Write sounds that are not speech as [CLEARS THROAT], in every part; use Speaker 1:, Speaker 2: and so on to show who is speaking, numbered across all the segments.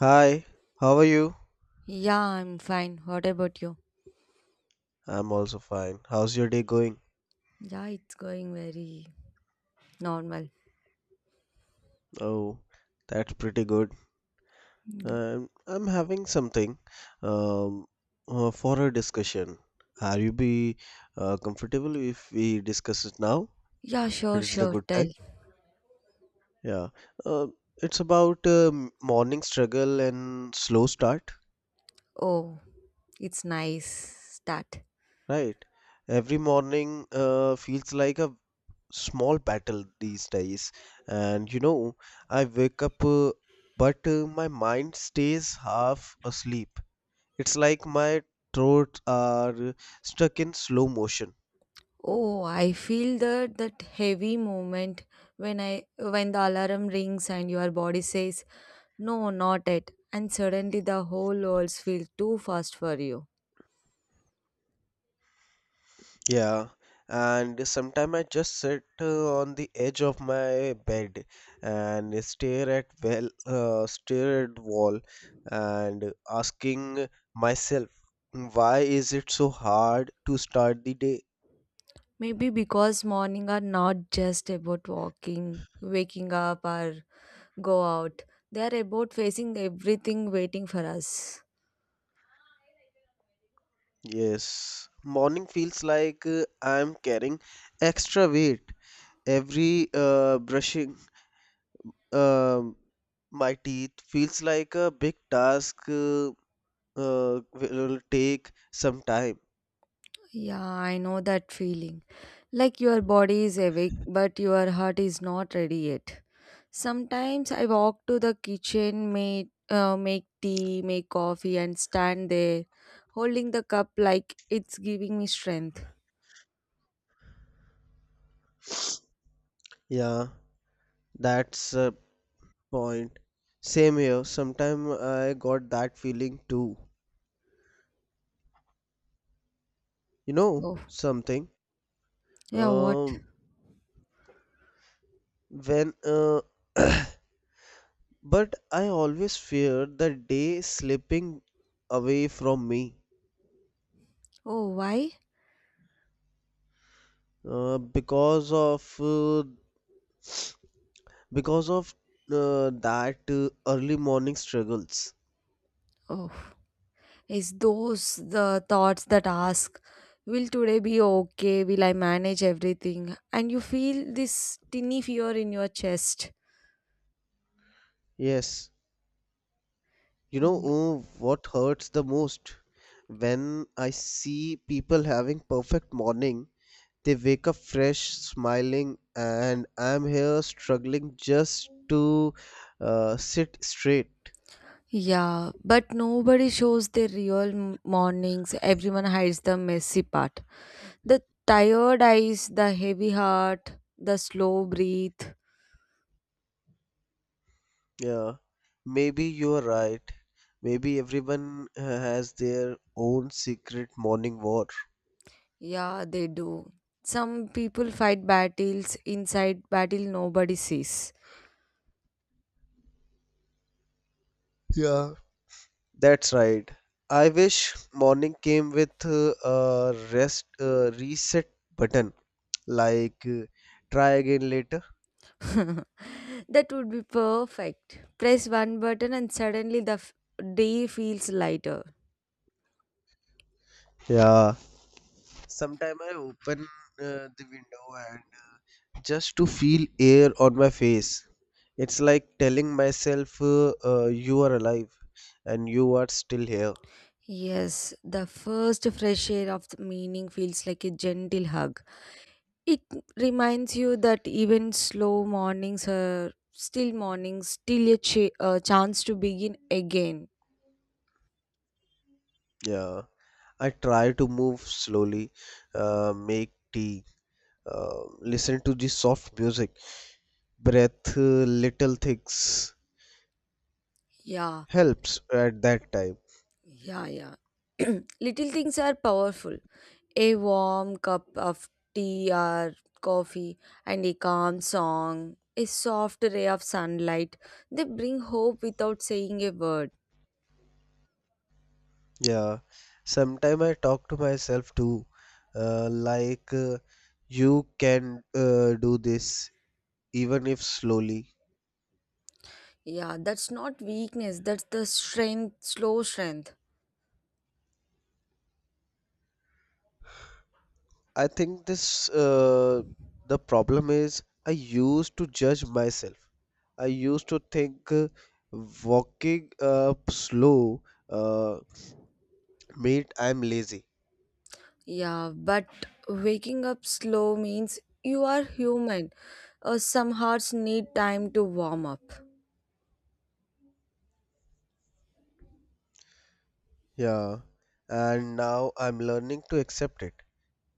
Speaker 1: Hi, how are you?
Speaker 2: Yeah, I'm fine. What about you?
Speaker 1: I'm also fine. How's your day going?
Speaker 2: Yeah, it's going very normal.
Speaker 1: Oh, that's pretty good.
Speaker 2: Yeah,
Speaker 1: I'm having something um for a discussion. Are you be comfortable if we discuss it now?
Speaker 2: yeah sure,
Speaker 1: Is it a
Speaker 2: sure.
Speaker 1: good
Speaker 2: Tell.
Speaker 1: time? Yeah. Uh, it's about morning struggle and slow start,
Speaker 2: Oh, it's nice start.
Speaker 1: right? Every morning feels like a small battle these days. And you know, I wake up, but my mind stays half asleep. It's like my thoughts are stuck in slow motion.
Speaker 2: Oh, I feel that heavy moment when I when the alarm rings and your body says, "No, not it," and suddenly the whole world feels too fast for you.
Speaker 1: Yeah, and sometimes I just sit on the edge of my bed and stare at stare at wall, and asking myself, why is it so hard to start the day?
Speaker 2: Maybe because morning are not just about walking, waking up or go out. They are about facing everything waiting for us.
Speaker 1: Yes, morning feels like I'm carrying extra weight. Every brushing um my teeth feels like a big task will take some time.
Speaker 2: Yeah, I know that feeling. Like your body is awake but your heart is not ready yet. Sometimes I walk to the kitchen, make tea, make coffee and stand there holding the cup like it's giving me strength.
Speaker 1: Yeah, that's a point. Same here. Sometime I got that feeling too. You know
Speaker 2: Oh.
Speaker 1: something?
Speaker 2: Yeah, what?
Speaker 1: Um, when [COUGHS] [CLEARS THROAT] but I always fear the day slipping away from me.
Speaker 2: Oh, why?
Speaker 1: Uh, because of uh, because of that early morning struggles.
Speaker 2: Oh. Is those the thoughts that ask, will today be okay, will I manage everything, and you feel this tinny fear in your chest?
Speaker 1: Yes, you know
Speaker 2: yeah,
Speaker 1: what hurts the most when I see people having perfect morning. They wake up fresh, smiling, and I'm here struggling just to sit straight.
Speaker 2: Yeah, but nobody shows their real mornings. Everyone hides the messy part. The tired eyes, the heavy heart, the slow breath.
Speaker 1: Yeah, maybe you're right. Maybe everyone has their own secret morning war.
Speaker 2: Yeah, they do. Some people fight battles inside battle nobody sees.
Speaker 1: Yeah, that's right. I wish morning came with a rest reset button, like try again later.
Speaker 2: [LAUGHS] That would be perfect. Press one button and suddenly the day feels lighter.
Speaker 1: Yeah. Sometime I open the window and just to feel air on my face. It's like telling myself you are alive and you are still here.
Speaker 2: Yes, the first fresh air of the meaning feels like a gentle hug. It reminds you that even slow mornings are still mornings, still a chance to begin again.
Speaker 1: Yeah. I try to move slowly, make tea, listen to the soft music, breath little things
Speaker 2: Yeah,
Speaker 1: helps at that time.
Speaker 2: yeah, yeah. [CLEARS THROAT] Little things are powerful. A warm cup of tea or coffee and a calm song, a soft ray of sunlight, they bring hope without saying a word.
Speaker 1: Yeah, sometime I talk to myself too, like you can do this even if slowly.
Speaker 2: Yeah, that's not weakness, that's the strength, slow strength.
Speaker 1: I think this the problem is I used to judge myself. I used to think walking up slow uh, meant I'm lazy.
Speaker 2: Yeah, but waking up slow means you are human. Some hearts need time to warm up.
Speaker 1: Yeah, and now I'm learning to accept it,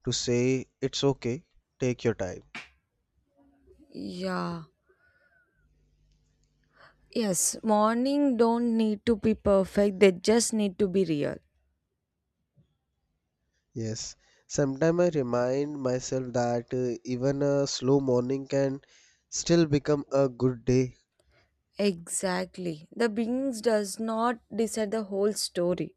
Speaker 1: to say it's okay, take your time.
Speaker 2: Yeah. Yes, morning don't need to be perfect, they just need to be real.
Speaker 1: Yes, sometimes I remind myself that even a slow morning can still become a good day.
Speaker 2: Exactly. The beings does not decide the whole story.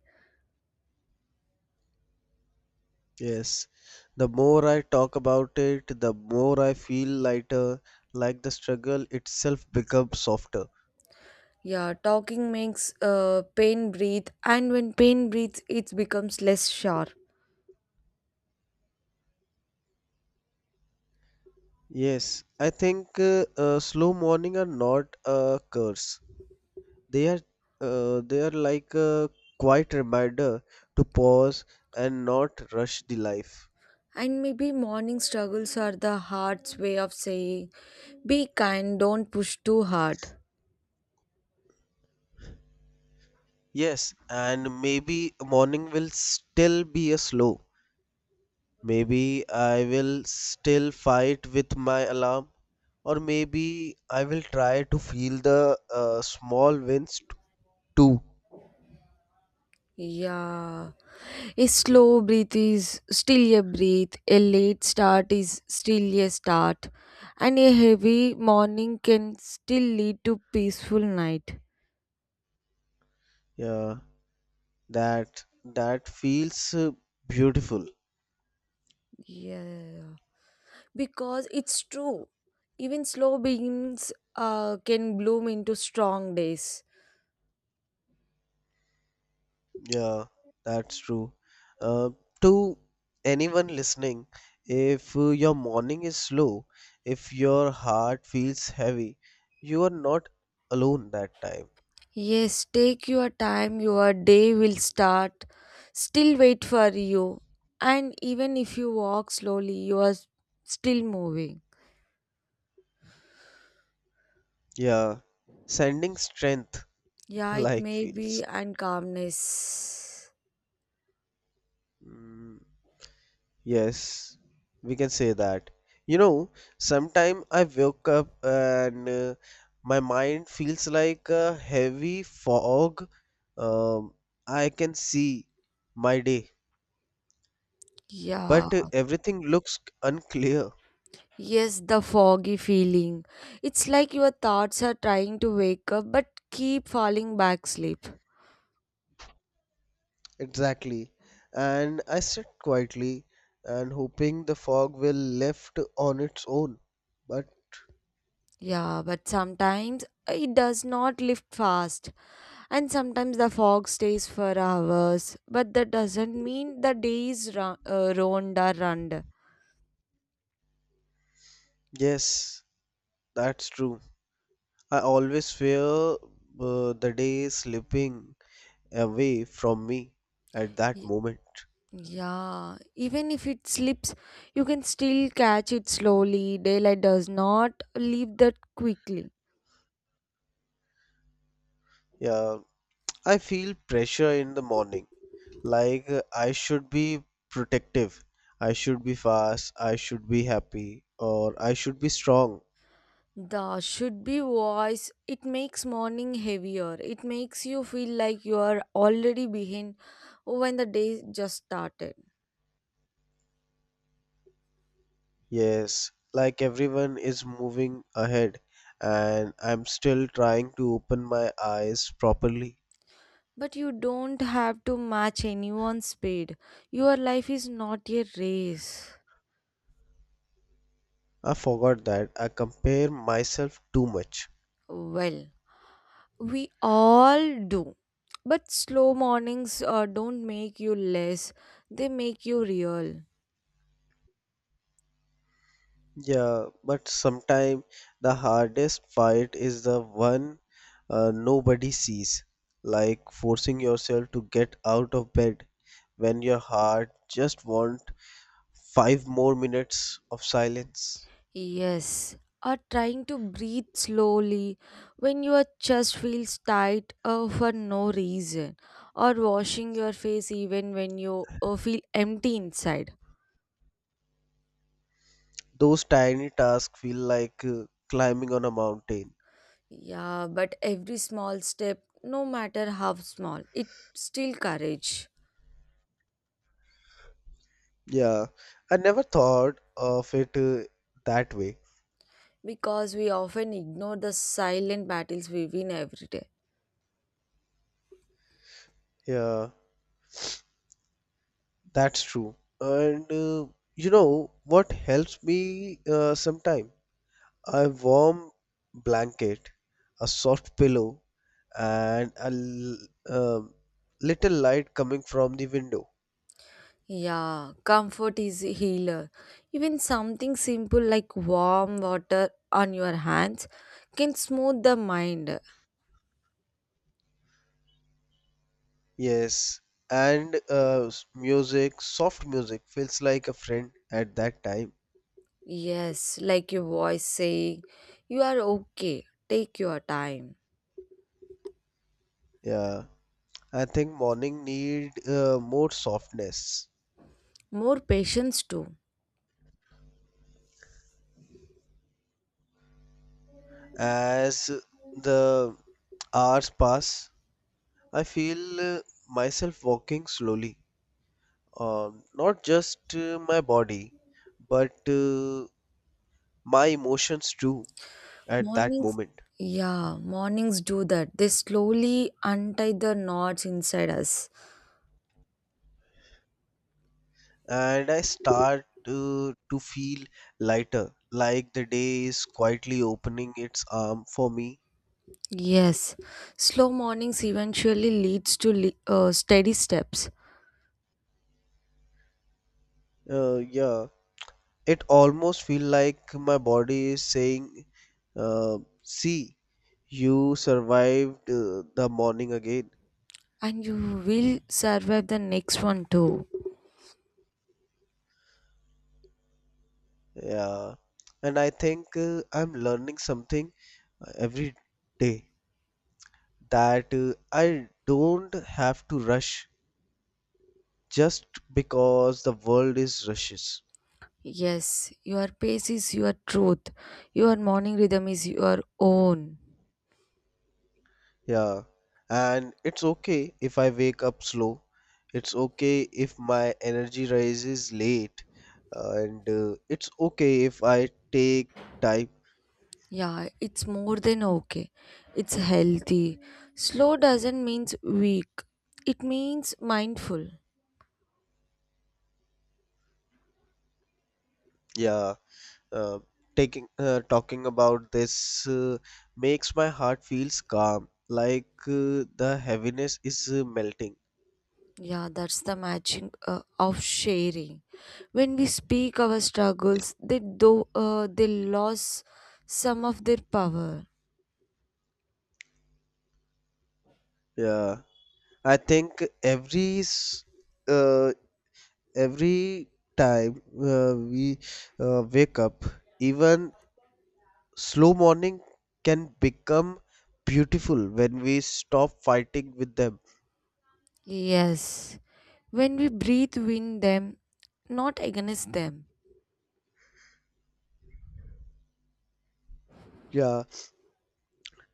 Speaker 1: Yes, the more I talk about it, the more I feel lighter, like the struggle itself becomes softer.
Speaker 2: Yeah, talking makes pain breathe, and when pain breathes, it becomes less sharp.
Speaker 1: Yes, I think slow morning are not a curse. They are they are like a quiet reminder to pause and not rush the life.
Speaker 2: And maybe morning struggles are the heart's way of saying, be kind, don't push too hard.
Speaker 1: Yes, and maybe morning will still be a slow. Maybe I will still fight with my alarm, or maybe I will try to feel the small too.
Speaker 2: Yeah, a slow breath is still a breath, a late start is still a start, and a heavy morning can still lead to peaceful night.
Speaker 1: Yeah, that feels beautiful.
Speaker 2: Yeah, because it's true. Even slow beans can bloom into strong days.
Speaker 1: Yeah, that's true. Uh, to anyone listening, if your morning is slow, if your heart feels heavy, you are not alone that time.
Speaker 2: Yes, take your time. Your day will start. Still wait for you. And even if you walk slowly, you are still moving.
Speaker 1: Yeah, sending strength [LAUGHS]
Speaker 2: Yeah, it
Speaker 1: like
Speaker 2: may
Speaker 1: feels.
Speaker 2: be and calmness.
Speaker 1: Mm, yes, we can say that. You know, sometime I woke up and my mind feels like a heavy fog. Um, I can see my day,
Speaker 2: Yeah.
Speaker 1: but everything looks unclear.
Speaker 2: Yes, the foggy feeling. It's like your thoughts are trying to wake up but keep falling back sleep.
Speaker 1: Exactly. And I sit quietly and hoping the fog will lift on its own. But
Speaker 2: Yeah, but sometimes it does not lift fast, and sometimes the fog stays for hours. But that doesn't mean the day is ruined or ruined.
Speaker 1: yes, that's true. I always fear the day slipping away from me at that
Speaker 2: Y-
Speaker 1: moment.
Speaker 2: Yeah, even if it slips, you can still catch it slowly. Daylight does not leave that quickly.
Speaker 1: Yeah, I feel pressure in the morning. Like I should be protective. I should be fast. I should be happy. Or I should be strong.
Speaker 2: The should be voice. It makes morning heavier. It makes you feel like you are already behind when the day just started.
Speaker 1: Yes, like everyone is moving ahead and I'm still trying to open my eyes properly.
Speaker 2: But you don't have to match anyone's speed. Your life is not a race.
Speaker 1: I forgot that I compare myself too much.
Speaker 2: Well, we all do. But slow mornings don't make you less, they make you real.
Speaker 1: Yeah, but sometimes the hardest fight is the one nobody sees, like forcing yourself to get out of bed when your heart just wants 5 more minutes of silence.
Speaker 2: Yes, or trying to breathe slowly when your chest feels tight for no reason, or washing your face even when you feel empty inside.
Speaker 1: Those tiny tasks feel like climbing on a mountain.
Speaker 2: Yeah, but every small step, no matter how small, it still courage,
Speaker 1: Yeah, I never thought of it that way.
Speaker 2: because we often ignore the silent battles we win every day.
Speaker 1: Yeah, that's true. And you know what helps me sometimes? A warm blanket, a soft pillow, and a little light coming from the window.
Speaker 2: Yeah, comfort is a healer. Even something simple like warm water on your hands can smooth the mind.
Speaker 1: Yes, and music, soft music feels like a friend at that time.
Speaker 2: Yes, like your voice saying, you are okay, take your time.
Speaker 1: Yeah, I think morning need more softness.
Speaker 2: More patience too.
Speaker 1: As the hours pass, I feel myself walking slowly. Not just my body, but my emotions too at that
Speaker 2: Mornings,
Speaker 1: moment.
Speaker 2: yeah, mornings do that. They slowly untie the knots inside us.
Speaker 1: And I start to feel lighter, like the day is quietly opening its arm for me.
Speaker 2: Yes, slow mornings eventually leads to steady steps,
Speaker 1: Yeah, it almost feel like my body is saying uh, see, you survived the morning again.
Speaker 2: and you will survive the next one too.
Speaker 1: Yeah, and I think I'm learning something every day, that I don't have to rush just because the world is rushes.
Speaker 2: Yes, your pace is your truth. Your morning rhythm is your own.
Speaker 1: Yeah. And it's okay if I wake up slow. It's okay if my energy rises late. And it's okay if I take time.
Speaker 2: Yeah, it's more than okay. It's healthy. Slow doesn't mean weak. It means mindful.
Speaker 1: Yeah. Uh, taking Talking about this makes my heart feels calm, like the heaviness is melting.
Speaker 2: Yeah, that's the magic of sharing. When we speak our struggles, they lose some of their power.
Speaker 1: Yeah, I think every s- uh, every time we wake up, even slow morning can become beautiful when we stop fighting with them.
Speaker 2: Yes, when we breathe in them, not against them.
Speaker 1: Yeah,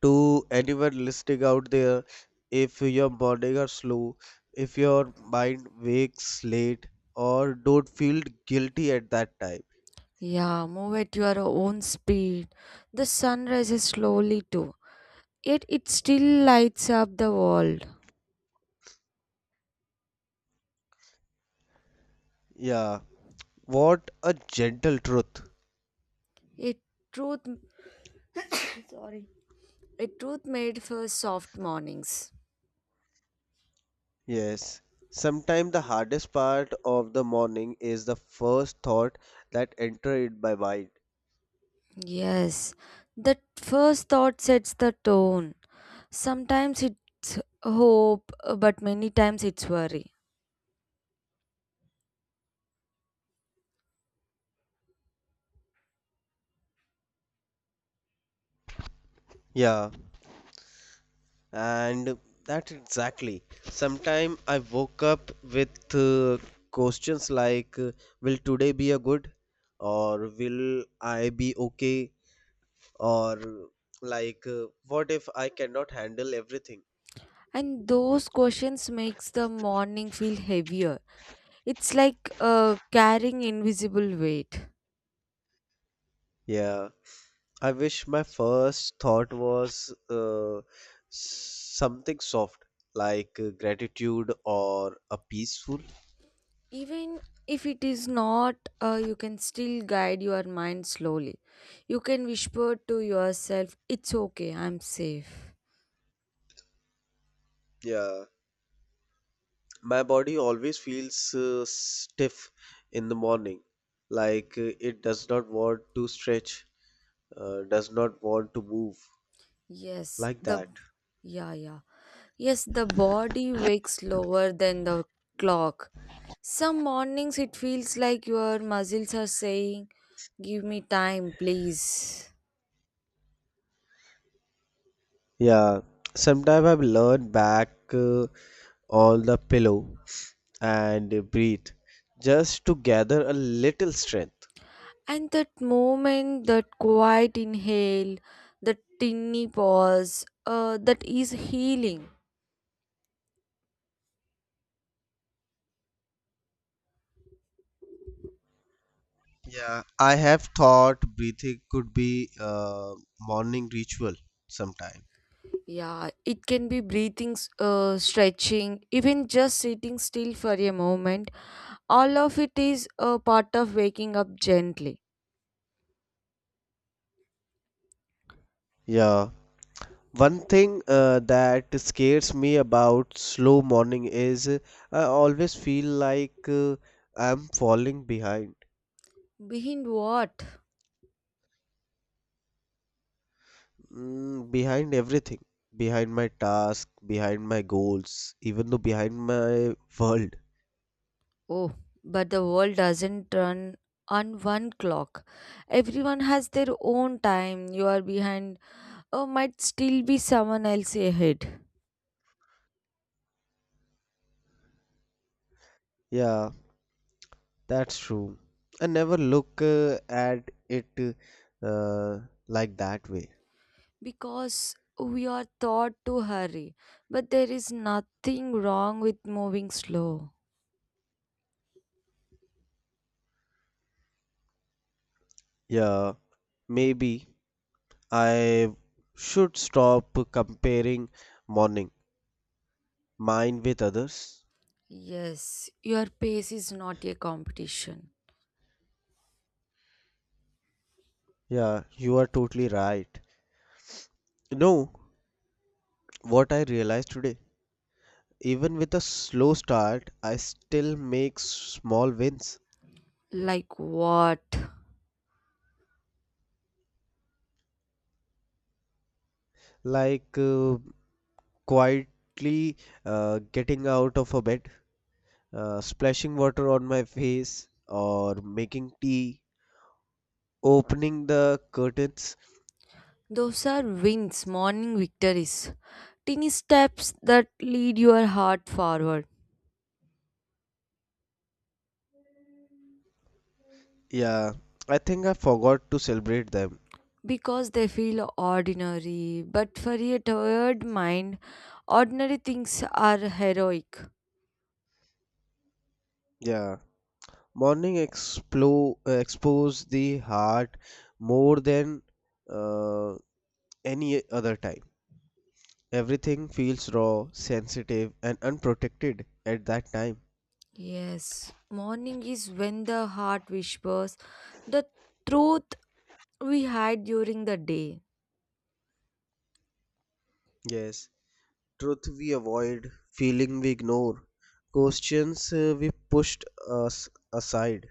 Speaker 1: to anyone listening out there, if your morning are slow, if your mind wakes late, or don't feel guilty at that time.
Speaker 2: Yeah, move at your own speed. The sun rises slowly too, yet it still lights up the world.
Speaker 1: Yeah, what a gentle truth.
Speaker 2: A truth, a truth made for soft mornings.
Speaker 1: Yes. Sometimes the hardest part of the morning is the first thought that enter it by mind.
Speaker 2: Yes, that first thought sets the tone. Sometimes it's hope, but many times it's worry.
Speaker 1: Yeah, and that exactly. Sometimes I woke up with questions like, will today be a good? Or will I be okay? Or like, what if I cannot handle everything?
Speaker 2: And those questions makes the morning feel heavier. It's like carrying invisible weight.
Speaker 1: Yeah. I wish my first thought was something soft, like gratitude or a peaceful.
Speaker 2: Even if it is not, you can still guide your mind slowly. You can whisper to yourself, "It's okay. I'm safe."
Speaker 1: Yeah, my body always feels stiff in the morning, like it does not want to stretch, does not want to move,
Speaker 2: Yes,
Speaker 1: like
Speaker 2: the
Speaker 1: that.
Speaker 2: yeah yeah yes the body wakes slower than the clock. Some mornings it feels like your muscles are saying, give me time, please.
Speaker 1: Yeah, sometimes I learn back on the pillow and breathe just to gather a little strength.
Speaker 2: And that moment, that quiet inhale, that tiny pause, that is healing.
Speaker 1: Yeah, I have thought breathing could be a morning ritual sometime.
Speaker 2: Yeah, it can be breathing, stretching, even just sitting still for a moment. All of it is a part of waking up gently.
Speaker 1: Yeah. One thing that scares me about slow morning is I always feel like I'm falling behind.
Speaker 2: Behind what?
Speaker 1: Mm, behind everything. Behind my task, behind my goals, even though behind my world.
Speaker 2: Oh, but the world doesn't run on one clock. Everyone has their own time. You are behind, or might still be someone else ahead.
Speaker 1: Yeah, that's true. I never look at it uh, like that way.
Speaker 2: Because we are taught to hurry, but there is nothing wrong with moving slow.
Speaker 1: Yeah. Maybe I should stop comparing morning mine with others.
Speaker 2: Yes, your pace is not a competition.
Speaker 1: Yeah, you are totally right. You know what I realized today? Even with a slow start, I still make small wins,
Speaker 2: Like what?
Speaker 1: like quietly getting out of a bed, splashing water on my face, or making tea, opening the curtains.
Speaker 2: Those are wins, morning victories, tiny steps that lead your heart forward.
Speaker 1: Yeah, I think I forgot to celebrate them.
Speaker 2: Because they feel ordinary, but for a tired mind, ordinary things are heroic.
Speaker 1: Yeah, morning expose the heart more than uh, any other time. Everything feels raw, sensitive, and unprotected at that time.
Speaker 2: Yes, morning is when the heart whispers the truth we had during the day.
Speaker 1: Yes, truth we avoid, feeling we ignore, questions we pushed us aside.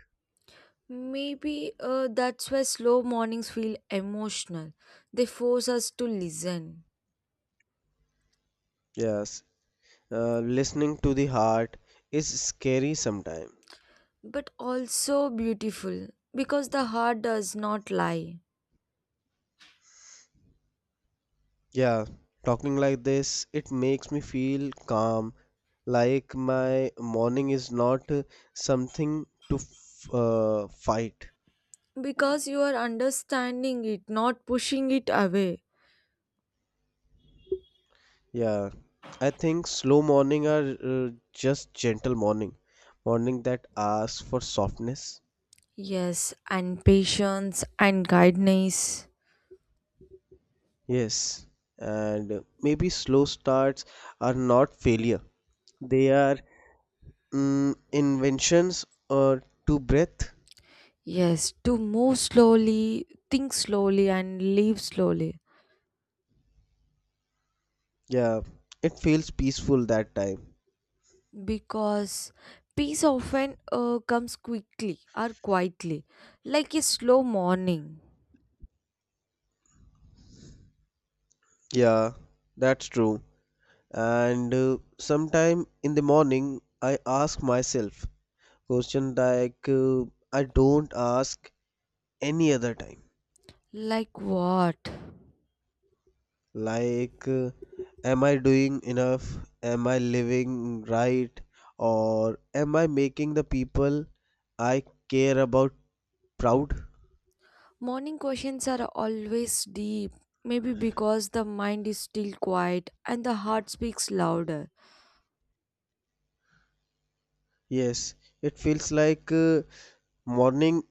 Speaker 2: Maybe that's why slow mornings feel emotional. They force us to listen,
Speaker 1: Yes, listening to the heart is scary sometimes.
Speaker 2: but also beautiful because the heart does not lie.
Speaker 1: Yeah, talking like this, it makes me feel calm, like my morning is not something to f fight.
Speaker 2: Because you are understanding it, not pushing it away.
Speaker 1: Yeah, I think slow morning are just gentle morning, morning that asks for softness.
Speaker 2: Yes, and patience and kindness.
Speaker 1: Yes, and maybe slow starts are not failure. They are, mm, inventions or to breath.
Speaker 2: Yes, to move slowly, think slowly, and live slowly.
Speaker 1: Yeah, it feels peaceful that time.
Speaker 2: Because peace often comes quickly or quietly, like a slow morning.
Speaker 1: Yeah, that's true. And sometime in the morning, I ask myself question like I don't ask any other time.
Speaker 2: Like what?
Speaker 1: Like, am I doing enough? Am I living right? Or am I making the people I care about proud?
Speaker 2: Morning questions are always deep, maybe because the mind is still quiet and the heart speaks louder.
Speaker 1: Yes, it feels like morning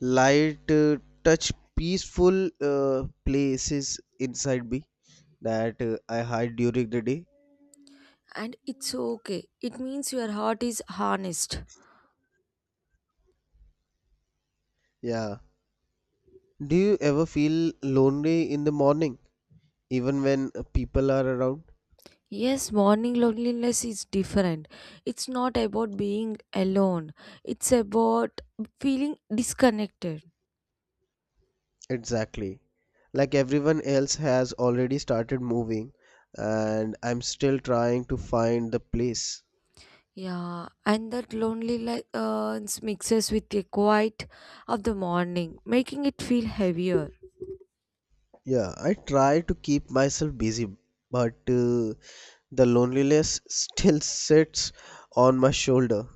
Speaker 1: light touch peaceful places inside me that I hide during the day.
Speaker 2: And it's okay, it means your heart is harnessed.
Speaker 1: Yeah. Do you ever feel lonely in the morning, even when people are around?
Speaker 2: Yes, morning loneliness is different. It's not about being alone, it's about feeling disconnected.
Speaker 1: Exactly. Like everyone else has already started moving, and I'm still trying to find the place.
Speaker 2: Yeah, and that lonely light mixes with the quiet of the morning, making it feel heavier.
Speaker 1: Yeah, I try to keep myself busy, but the loneliness [LAUGHS] still sits on my shoulder.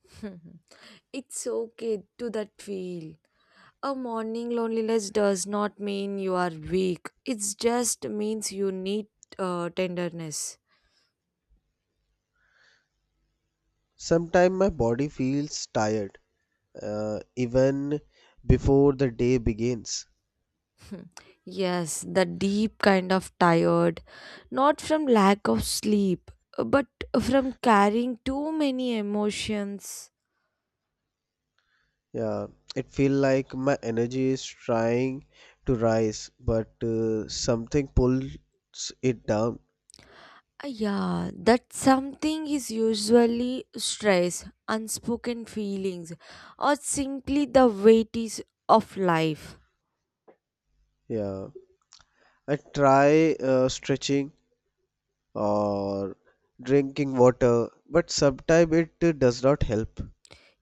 Speaker 2: [LAUGHS] It's okay to that feel. A morning loneliness does not mean you are weak. It just means you need tenderness. [LAUGHS]
Speaker 1: Sometimes my body feels tired even before the day begins.
Speaker 2: Hmm. Yes, the deep kind of tired, not from lack of sleep, but from carrying too many emotions.
Speaker 1: Yeah, it feels like my energy is trying to rise, but something pulls it down.
Speaker 2: Yeah, that something is usually stress, unspoken feelings, or simply the weighties of life.
Speaker 1: Yeah, I try stretching or drinking water, but sometimes it does not help.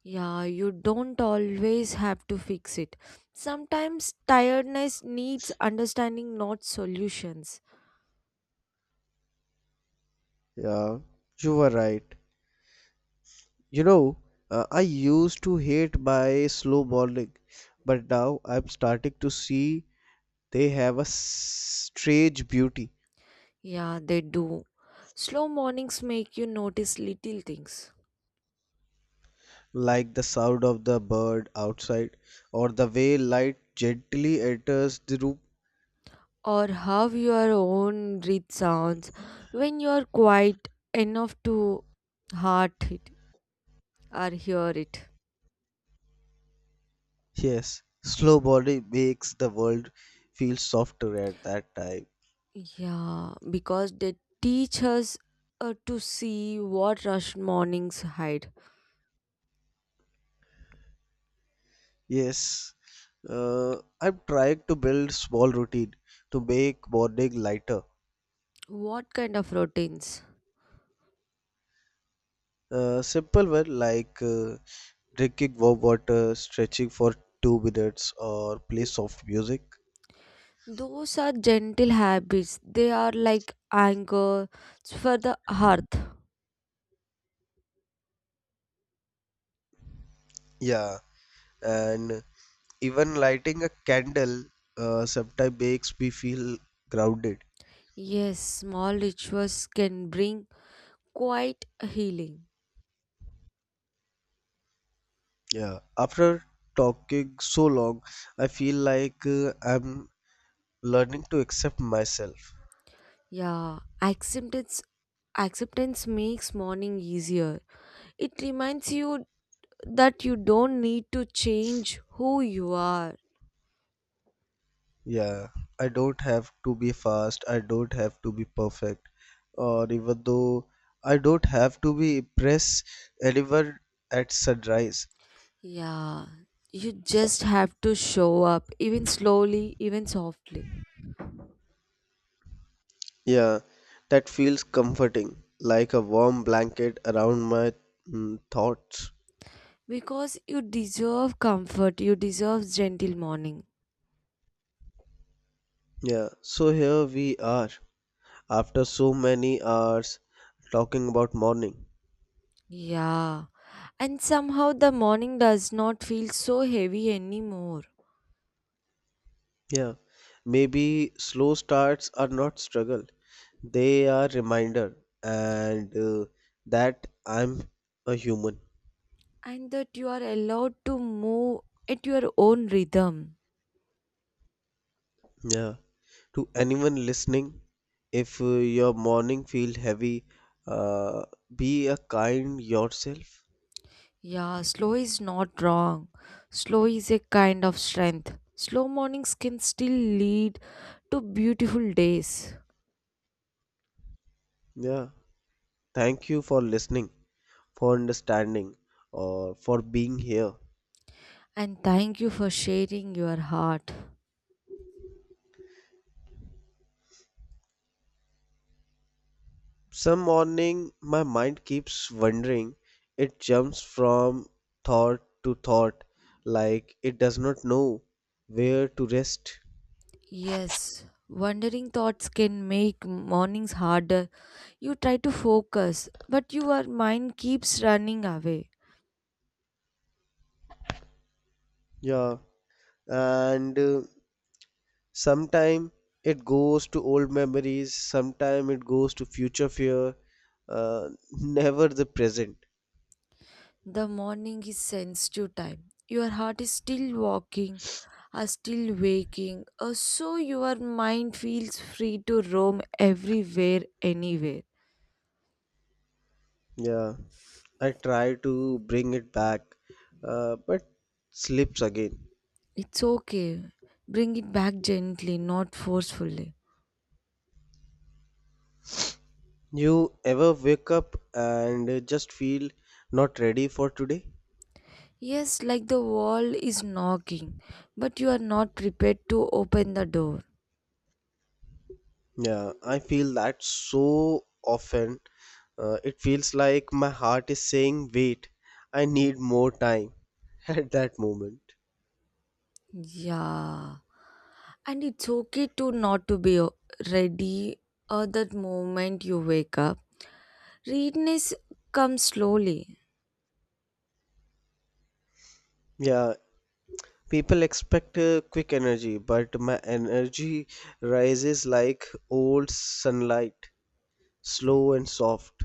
Speaker 2: Yeah, you don't always have to fix it. Sometimes tiredness needs understanding, not solutions.
Speaker 1: Yeah, you were right. You know, I used to hate my slow morning, but now I'm starting to see they have a strange beauty,
Speaker 2: Yeah, they do. Slow mornings make you notice little things,
Speaker 1: like the sound of the bird outside or the way light gently enters the room.
Speaker 2: or how your own breath sounds when you are quiet enough to heart it or hear it.
Speaker 1: Yes, slow morning makes the world feel softer at that time.
Speaker 2: Yeah, because they teach us to see what rush mornings hide.
Speaker 1: Yes, I'm trying to build small routine to make morning lighter.
Speaker 2: What kind of routines?
Speaker 1: Simple one like drinking warm water, stretching for 2 minutes, or play soft music.
Speaker 2: Those are gentle habits, they are like anchors for the hearth.
Speaker 1: Yeah, and even lighting a candle sometimes makes me feel grounded.
Speaker 2: Yes, small rituals can bring quite healing.
Speaker 1: Yeah. After talking so long, I feel like I'm learning to accept myself.
Speaker 2: Yeah, acceptance makes morning easier. It reminds you that you don't need to change who you are.
Speaker 1: Yeah. I don't have to be fast. I don't have to be perfect. Or even though I don't have to be impress anyone at sunrise.
Speaker 2: Yeah, you just have to show up, even slowly, even softly.
Speaker 1: Yeah. That feels comforting, like a warm blanket around my, mm, thoughts.
Speaker 2: Because you deserve comfort, you deserve gentle morning.
Speaker 1: Yeah, so here we are, after so many hours talking about morning.
Speaker 2: Yeah, and somehow the morning does not feel so heavy anymore,
Speaker 1: Yeah, maybe slow starts are not struggle. They are reminder and that I'm a human.
Speaker 2: and that you are allowed to move at your own rhythm.
Speaker 1: Yeah. To anyone listening, if your morning feel heavy, uh, be a kind yourself.
Speaker 2: Yeah, slow is not wrong. Slow is a kind of strength. Slow mornings can still lead to beautiful days.
Speaker 1: Yeah. Thank you for listening, for understanding, or for being here.
Speaker 2: And thank you for sharing your heart.
Speaker 1: Some morning my mind keeps wandering. It jumps from thought to thought like it does not know where to rest.
Speaker 2: Yes, wandering thoughts can make mornings harder. You try to focus, but your mind keeps running away.
Speaker 1: Yeah, and sometime it goes to old memories, sometime it goes to future fear, [LAUGHS] never the present.
Speaker 2: The morning is sensitive time. Your heart is still walking, are still waking, so your mind feels free to roam everywhere, anywhere.
Speaker 1: Yeah, I try to bring it back, but slips again.
Speaker 2: It's okay. Bring it back gently, not forcefully.
Speaker 1: You ever wake up and just feel not ready for today?
Speaker 2: Yes, like the wall is knocking, but you are not prepared to open the door.
Speaker 1: Yeah, I feel that so often. It feels like my heart is saying, wait, I need more time [LAUGHS] at that moment.
Speaker 2: Yeah. And it's okay to not to be ready at that moment you wake up. Readiness comes slowly.
Speaker 1: Yeah, people expect quick energy, but my energy rises like old sunlight, slow and soft.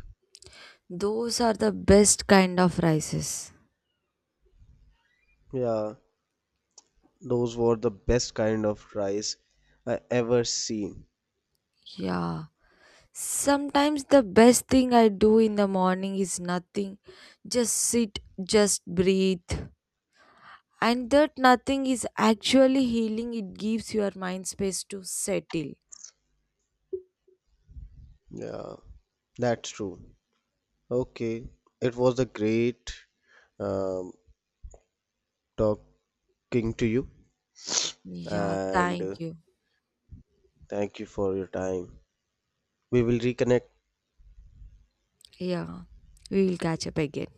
Speaker 2: Those are the best kind of rises.
Speaker 1: Yeah, those were the best kind of rise I ever seen.
Speaker 2: Yeah. Sometimes the best thing I do in the morning is nothing. Just sit, just breathe. And that nothing is actually healing, it gives your mind space to settle.
Speaker 1: Yeah, that's true. Okay, it was a great um, talking to you,
Speaker 2: Yeah,
Speaker 1: and
Speaker 2: thank you.
Speaker 1: thank you for your time. We will reconnect.
Speaker 2: Yeah, we will catch up again.